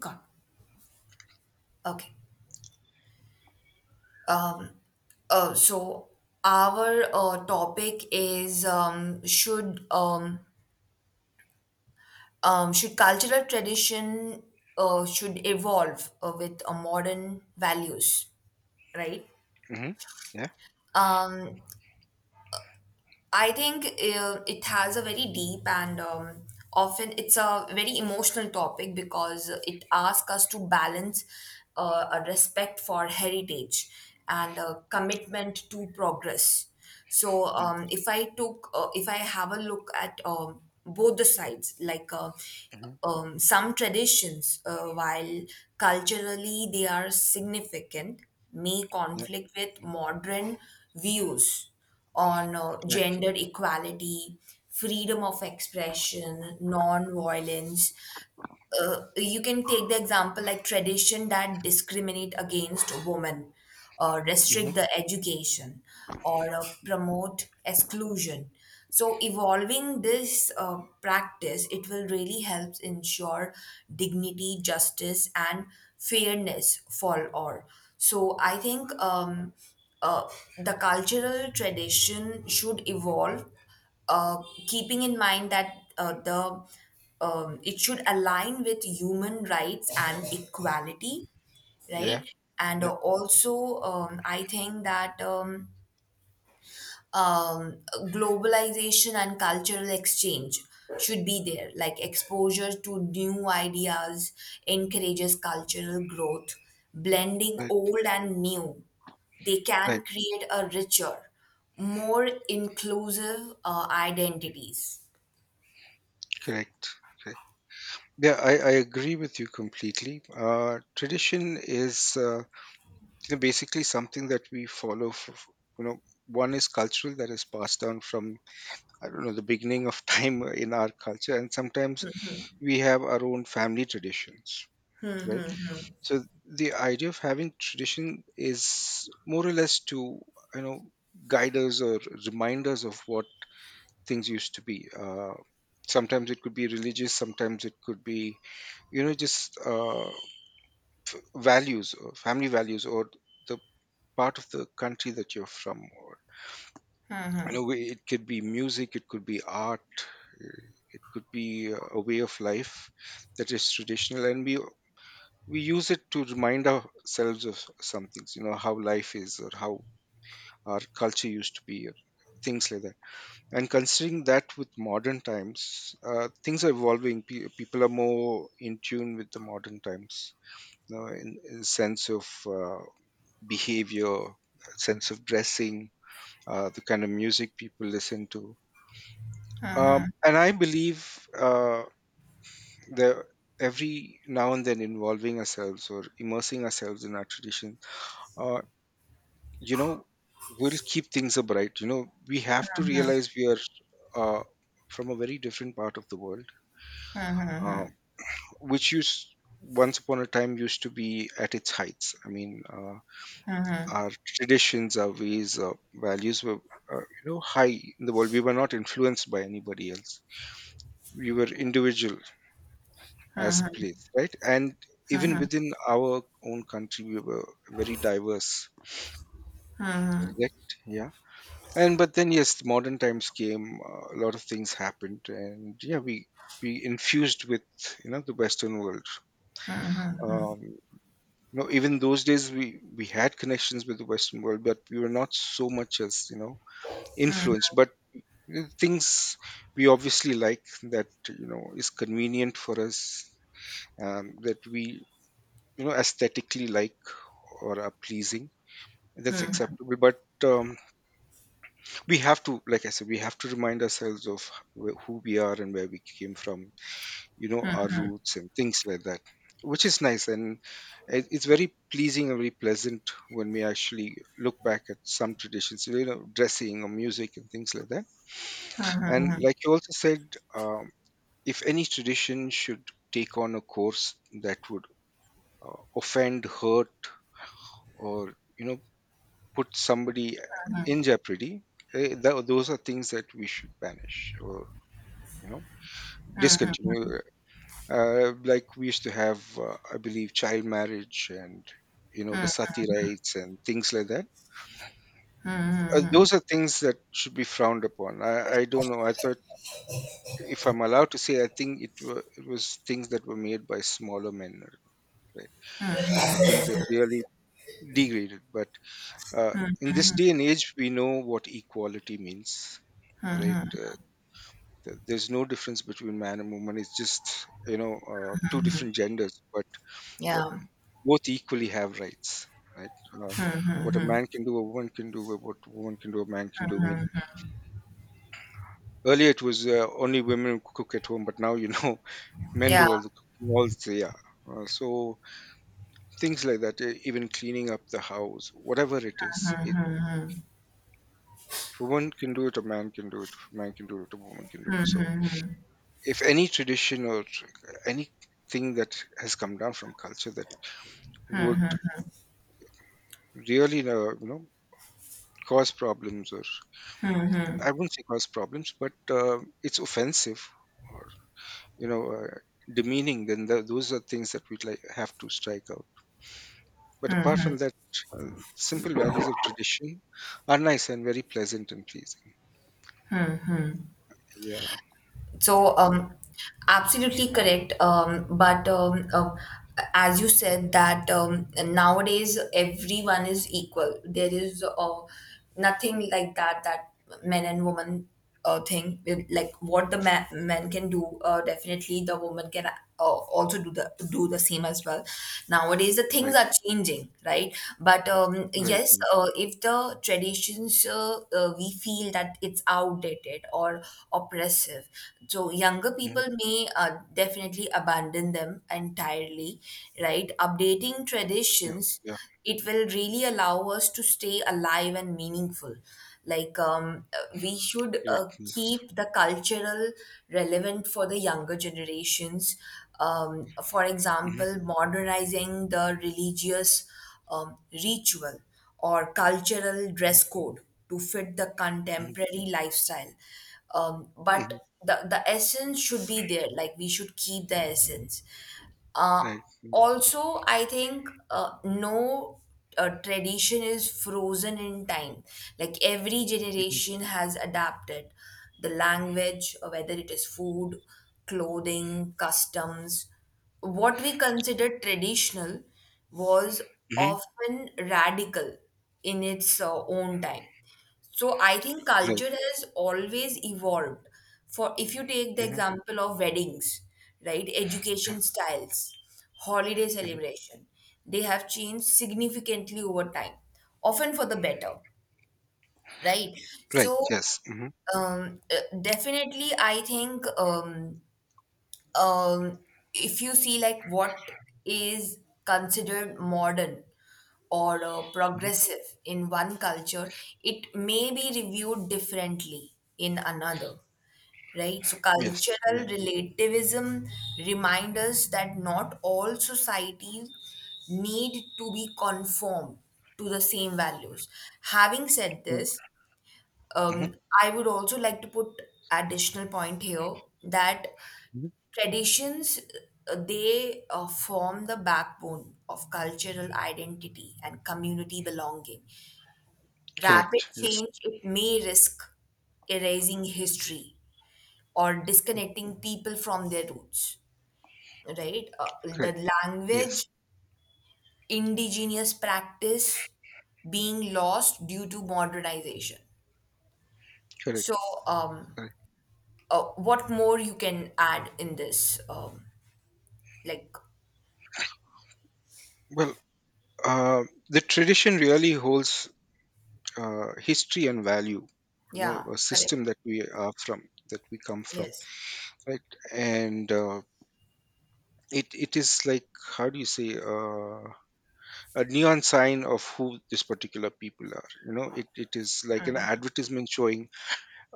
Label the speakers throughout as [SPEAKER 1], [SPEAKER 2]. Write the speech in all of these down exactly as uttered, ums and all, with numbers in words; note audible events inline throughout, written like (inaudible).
[SPEAKER 1] Got it. Okay. Uh, so our uh, topic is um, should um, um, should cultural tradition uh, should evolve uh, with uh, modern values, right?
[SPEAKER 2] Mm-hmm. Yeah.
[SPEAKER 1] Um, I think uh, it has a very deep and um, often it's a very emotional topic because it asks us to balance uh, a respect for heritage and a commitment to progress. So um, if I took, uh, if I have a look at um, both the sides, like uh,
[SPEAKER 2] Mm-hmm.
[SPEAKER 1] um, some traditions, uh, while culturally they are significant, may
[SPEAKER 2] Yeah.
[SPEAKER 1] conflict with modern views on uh,
[SPEAKER 2] Right.
[SPEAKER 1] gender equality, freedom of expression, non-violence. Uh, you can take the example like tradition that discriminate against women, uh,
[SPEAKER 2] Mm-hmm.
[SPEAKER 1] restrict the education, or uh, promote exclusion, so evolving this uh, practice it will really help ensure dignity, justice and fairness for all. So I think um, uh, the cultural tradition should evolve, uh, keeping in mind that uh, the um, it should align with human rights and equality,
[SPEAKER 2] Yeah.
[SPEAKER 1] right? And uh,
[SPEAKER 2] Yeah.
[SPEAKER 1] also, um, I think that um, um, globalization and cultural exchange should be there. Like exposure to new ideas encourages cultural growth, blending
[SPEAKER 2] Right.
[SPEAKER 1] old and new. They
[SPEAKER 2] Right.
[SPEAKER 1] can create a richer, more inclusive uh, identities.
[SPEAKER 2] Correct. Correct. Yeah, I, I agree with you completely. Uh, tradition is uh, you know, basically something that we follow. For, for- you know, One is cultural that is passed down from I don't know the beginning of (laughs) time in our culture, and sometimes we have our own family traditions, right? So the idea of having tradition is more or less to you know guide us or remind us of what things used to be. Uh, sometimes it could be religious, sometimes it could be, you know, just uh, values or family values or the part of the country that you're from. Or, you know, it could be music, it could be art, uh, it could be uh, a way of life that is traditional, and we we use it to remind ourselves of some things. You know, how life is or how our culture used to be or things like that, and considering that with modern times uh, things are evolving. Pe- people are more in tune with the modern times, you know, in, in sense of uh, behavior, sense of dressing, uh, the kind of music people listen to. Um, and i believe uh, that every now and then involving ourselves or immersing ourselves in our tradition uh, you know will keep things upright. You know, we have to realize we are uh, from a very different part of the world. Uh, which used, once upon a time, used to be at its heights. I mean, uh, our traditions, our ways, our values were, uh, you know high in the world. We were not influenced by anybody else. We were individual as a place, right? And even within our own country, we were very diverse, correct? Yeah. And but then yes, modern times came. Uh, a lot of things happened, and yeah, we we infused with, you know, the Western world. Um, you know, even those days we we had connections with the Western world, but we were not so much, as you know, influenced, but uh, things we obviously like, that you know is convenient for us, um, that we, you know, aesthetically like or are pleasing, that's acceptable. But um, we have to, like I said, we have to remind ourselves of wh- who we are and where we came from, you know, our roots and things like that, which is nice. And it- it's very pleasing and very pleasant when we actually look back at some traditions, you know, dressing or music and things like that. And like you also said, um, if any tradition should take on a course that would uh, offend, hurt, or, you know, put somebody uh, in jeopardy, eh, tho- those are things that we should banish or, you know, discontinue. Uh, like we used to have, uh, I believe, child marriage and, you know, the sati rights and things like that. Uh, those are things that should be frowned upon. I, I don't know. I thought, if I'm allowed to say, I think it, were, it was things that were made by smaller men, right? Uh, things that really degraded. But uh, in this day and age, we know what equality means, right? Uh, th- there's no difference between man and woman. It's just, you know, uh, two different genders, but uh,
[SPEAKER 1] Yeah,
[SPEAKER 2] both equally have rights, right? Uh, what a man can do, a woman can do, what a woman can do, a man can do. I mean, earlier it was uh, only women who cook at home, but now, you know, (laughs) men
[SPEAKER 1] yeah.
[SPEAKER 2] do all the cooking, all the yeah. Uh, so things like that, e- even cleaning up the house, whatever it is, it. If a woman can do it, a man can do it. If a man can do it, a woman can do it. So, if any tradition or anything that has come down from culture that would really, uh, you know, cause problems, or I won't say cause problems, but uh, it's offensive or, you know uh, demeaning. Then th- those are things that we like have to strike out. But apart from that, uh, simple values of tradition are nice and very pleasant and pleasing. Yeah, yeah,
[SPEAKER 1] So, um, absolutely correct. Um, but um, um, As you said that, um, nowadays everyone is equal. There is uh, nothing like that that men and women uh, thing. Like what the man, man can do, uh, definitely the woman can uh, also do the do the same as well. Nowadays, the things things
[SPEAKER 2] right,
[SPEAKER 1] are changing, right? But um,
[SPEAKER 2] right.
[SPEAKER 1] yes,
[SPEAKER 2] Mm,
[SPEAKER 1] uh, if the traditions uh, uh, we feel that it's outdated or oppressive, so younger
[SPEAKER 2] mhm,
[SPEAKER 1] people may uh, definitely abandon them entirely, right? Updating
[SPEAKER 2] yeah,
[SPEAKER 1] traditions,
[SPEAKER 2] yeah,
[SPEAKER 1] it will really allow us to stay alive and meaningful. Like, um, uh, we should uh,
[SPEAKER 2] correct. Yes.
[SPEAKER 1] keep the cultural relevant for the younger generations. Um, for
[SPEAKER 2] Hmm.
[SPEAKER 1] example, modernizing the religious um, ritual or cultural dress code to fit the
[SPEAKER 2] Hmm.
[SPEAKER 1] contemporary lifestyle. Um,
[SPEAKER 2] Hmm.
[SPEAKER 1] but the, the essence should be there, like, we should keep the essence. Uh,
[SPEAKER 2] Right. Mm-hmm.
[SPEAKER 1] also, I think uh, no uh, tradition is frozen in time. Like every generation has adapted the language, uh, whether it is food, clothing, customs. What we consider traditional was
[SPEAKER 2] Hmm.
[SPEAKER 1] often radical in its uh, own time. So I think
[SPEAKER 2] Right.
[SPEAKER 1] culture has always evolved. For if you take the
[SPEAKER 2] Hmm.
[SPEAKER 1] example of weddings, right,
[SPEAKER 2] Yeah.
[SPEAKER 1] education styles, holiday
[SPEAKER 2] Hmm.
[SPEAKER 1] celebration, they have changed significantly over time, often for the better, right?
[SPEAKER 2] Right.
[SPEAKER 1] So
[SPEAKER 2] Yes. Hmm.
[SPEAKER 1] um, uh, definitely, I think um, um, if you see like what is considered modern or uh,
[SPEAKER 2] Hmm.
[SPEAKER 1] progressive in one culture, it may be reviewed differently in another, right? So,
[SPEAKER 2] Yes. Yeah.
[SPEAKER 1] cultural relativism reminds us that not all societies need to be conformed to the same values. Having said
[SPEAKER 2] Right.
[SPEAKER 1] this,
[SPEAKER 2] Mm-hmm.
[SPEAKER 1] um, I would also like to put additional point here that
[SPEAKER 2] Mm-hmm.
[SPEAKER 1] traditions uh, they uh, form the backbone of cultural identity and community belonging. Rapid
[SPEAKER 2] Correct. Yes.
[SPEAKER 1] change it may risk erasing history or disconnecting people from their roots, right? Uh, the
[SPEAKER 2] Correct. Yes.
[SPEAKER 1] language, indigenous practice being lost due to modernization. So,
[SPEAKER 2] Correct.
[SPEAKER 1] um,
[SPEAKER 2] Correct.
[SPEAKER 1] uh, what more you can add in this, um, like.
[SPEAKER 2] Well, Uh, the tradition really holds uh, history and value, you know,
[SPEAKER 1] Yeah.
[SPEAKER 2] a system
[SPEAKER 1] Correct.
[SPEAKER 2] that we are from, that we come from,
[SPEAKER 1] Yes.
[SPEAKER 2] right? And uh, it, it is like, how do you say, uh, a neon sign of who this particular people are. You know, it, it is like an advertisement showing,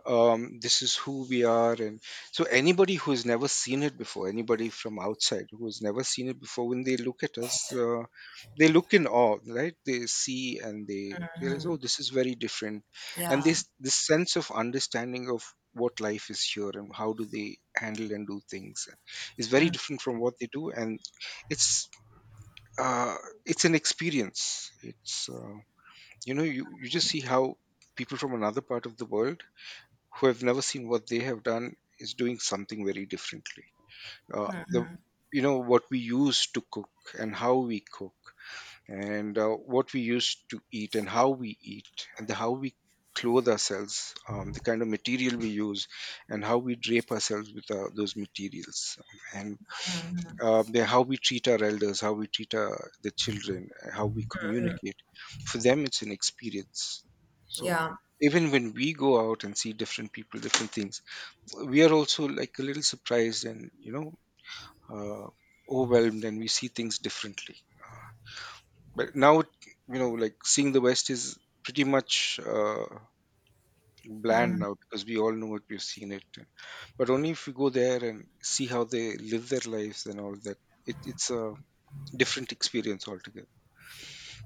[SPEAKER 2] um, this is who we are. And so anybody who has never seen it before, anybody from outside who has never seen it before, when they look at us, uh, they look in awe, right? They see and they realize, oh, this is very different. And
[SPEAKER 1] Yeah.
[SPEAKER 2] this this sense of understanding of what life is here and how do they handle and do things is very different from what they do. And it's uh, it's an experience. It's, uh, you know you, you just see how people from another part of the world who have never seen what they have done is doing something very differently. Uh, the, you know, what we use to cook and how we cook, and uh, what we use to eat and how we eat, and the how we clothe ourselves, um, the kind of material we use and how we drape ourselves with uh, those materials, and uh, the, how we treat our elders, how we treat our, the children, how we communicate. For them, it's an experience. So
[SPEAKER 1] Yeah.
[SPEAKER 2] even when we go out and see different people, different things, we are also like a little surprised, and, you know, uh, overwhelmed, and we see things differently, uh, but now, you know, like seeing the West is pretty much uh, bland now, because we all know it, we've seen it. But only if we go there and see how they live their lives and all that, it, it's a different experience altogether.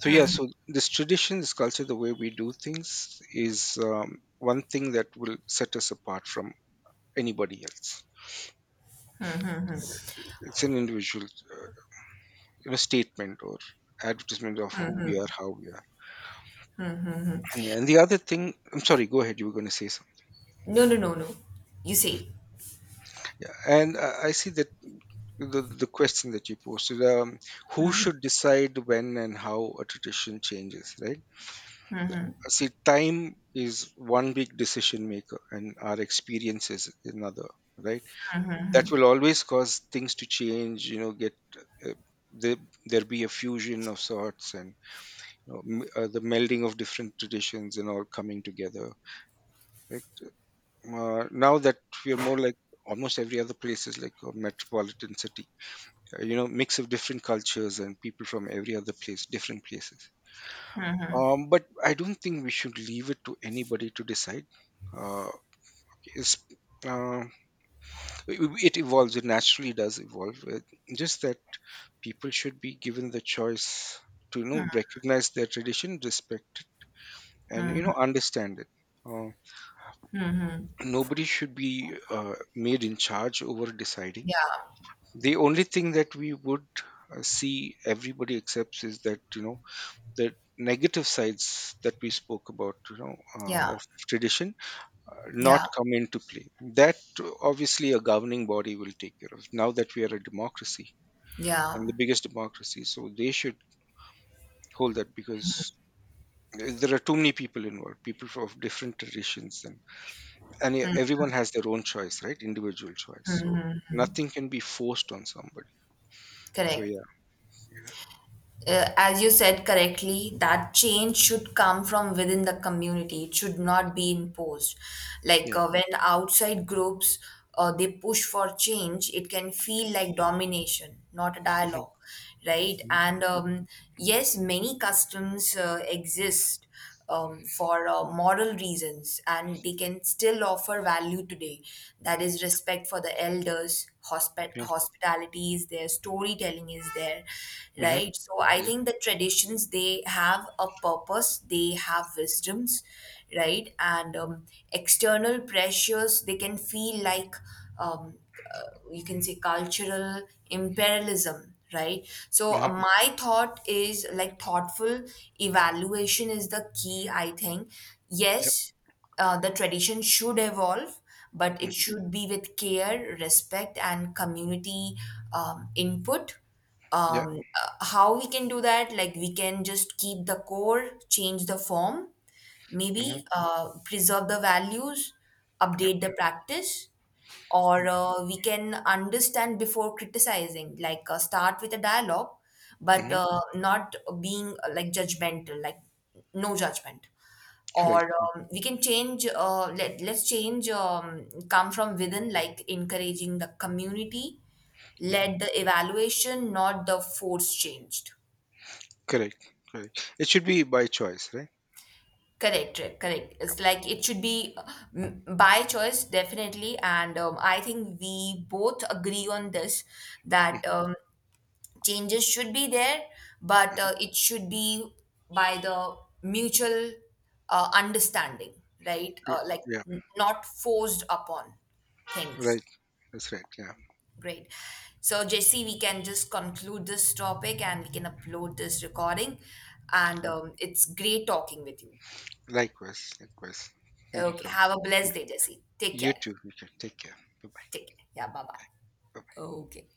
[SPEAKER 2] So yeah, so this tradition, this culture, the way we do things is um, one thing that will set us apart from anybody else. It's an individual, uh, you know, statement or advertisement of who we are, how we are. And, yeah, and the other thing, I'm sorry, go ahead. You were going to say something.
[SPEAKER 1] No, no, no, no. You see.
[SPEAKER 2] And uh, I see that the, the question that you posted, um, who should decide when and how a tradition changes, right? See, time is one big decision maker, and our experience is another, right? That will always cause things to change, you know, get. Uh, there, there be a fusion of sorts, and, you know, m- uh, the melding of different traditions and all coming together, right? Uh, now that we are more like almost every other place is like a metropolitan city, uh, you know, mix of different cultures and people from every other place, different places. Um, but i don't think we should leave it to anybody to decide. uh, it's, uh, it it evolves, it naturally does evolve. Uh, just that people should be given the choice to, you know, recognize their tradition, respect it, and, you know, understand it. uh, Nobody should be uh, made in charge over deciding.
[SPEAKER 1] Yeah.
[SPEAKER 2] The only thing that we would uh, see everybody accepts is that, you know, the negative sides that we spoke about, you know, uh,
[SPEAKER 1] Yeah.
[SPEAKER 2] of tradition, uh,
[SPEAKER 1] Yeah.
[SPEAKER 2] not come into play. That uh, obviously a governing body will take care of, now that we are a democracy, and
[SPEAKER 1] Yeah.
[SPEAKER 2] the biggest democracy, so they should hold that, because there are too many people involved, people of different traditions, and and everyone has their own choice, right, individual choice. So nothing can be forced on somebody. So
[SPEAKER 1] Correct.
[SPEAKER 2] yeah.
[SPEAKER 1] Uh, as you said correctly, that change should come from within the community. It should not be imposed. Like
[SPEAKER 2] Yeah.
[SPEAKER 1] uh, when outside groups uh, they push for change, it can feel like domination, not a
[SPEAKER 2] Mhm.
[SPEAKER 1] dialogue, right?
[SPEAKER 2] Mhm.
[SPEAKER 1] And um, yes, many customs uh, exist um, for uh, moral reasons and they can still offer value today, that is respect for the elders, hospi-
[SPEAKER 2] Yeah.
[SPEAKER 1] hospitality is there, storytelling is there,
[SPEAKER 2] Mhm.
[SPEAKER 1] right? So I
[SPEAKER 2] Yes.
[SPEAKER 1] think the traditions, they have a purpose, they have wisdoms, right. And um, external pressures, they can feel like um, uh, you can say cultural imperialism, right? So uh,
[SPEAKER 2] Uh-huh.
[SPEAKER 1] my thought is like thoughtful evaluation is the key, I think.
[SPEAKER 2] Yep.
[SPEAKER 1] Yes, uh, the tradition should evolve, but it
[SPEAKER 2] Hmm.
[SPEAKER 1] should be with care, respect and community um, input.
[SPEAKER 2] Yeah.
[SPEAKER 1] Um, uh, how we can do that, like we can just keep the core, change the form,
[SPEAKER 2] Hmm.
[SPEAKER 1] maybe uh, preserve the values,
[SPEAKER 2] Yep.
[SPEAKER 1] update the practice, or uh, we can understand before criticizing, like uh, start with a dialogue, but
[SPEAKER 2] Hmm.
[SPEAKER 1] uh, not being uh, like judgmental, like no judgment.
[SPEAKER 2] Correct.
[SPEAKER 1] Or um, we can change, uh, let, let's change um, come from within, like encouraging the community,
[SPEAKER 2] Hmm.
[SPEAKER 1] let the evaluation, not the force changed.
[SPEAKER 2] Correct. Correct. It should be by choice, right?
[SPEAKER 1] Correct, correct, correct. It's like it should be uh, by choice, definitely. And um, I think we both agree on this, that
[SPEAKER 2] Hmm.
[SPEAKER 1] um, changes should be there, but uh, it should be by the mutual uh, understanding, right? Uh,
[SPEAKER 2] Correct.
[SPEAKER 1] like
[SPEAKER 2] Yeah.
[SPEAKER 1] n- not forced upon things.
[SPEAKER 2] Right. That's right. Yeah.
[SPEAKER 1] Great. So, Jesse, we can just conclude this topic and we can upload this recording. And
[SPEAKER 2] Yeah.
[SPEAKER 1] um, it's great talking with you.
[SPEAKER 2] Likewise. Likewise. Thank you,
[SPEAKER 1] Okay.
[SPEAKER 2] Carl.
[SPEAKER 1] Have a
[SPEAKER 2] Yeah.
[SPEAKER 1] blessed day, Jesse. Take
[SPEAKER 2] You
[SPEAKER 1] care.
[SPEAKER 2] too. You too. Take care. Bye bye.
[SPEAKER 1] Take care. Yeah. Bye bye.
[SPEAKER 2] Bye
[SPEAKER 1] Okay.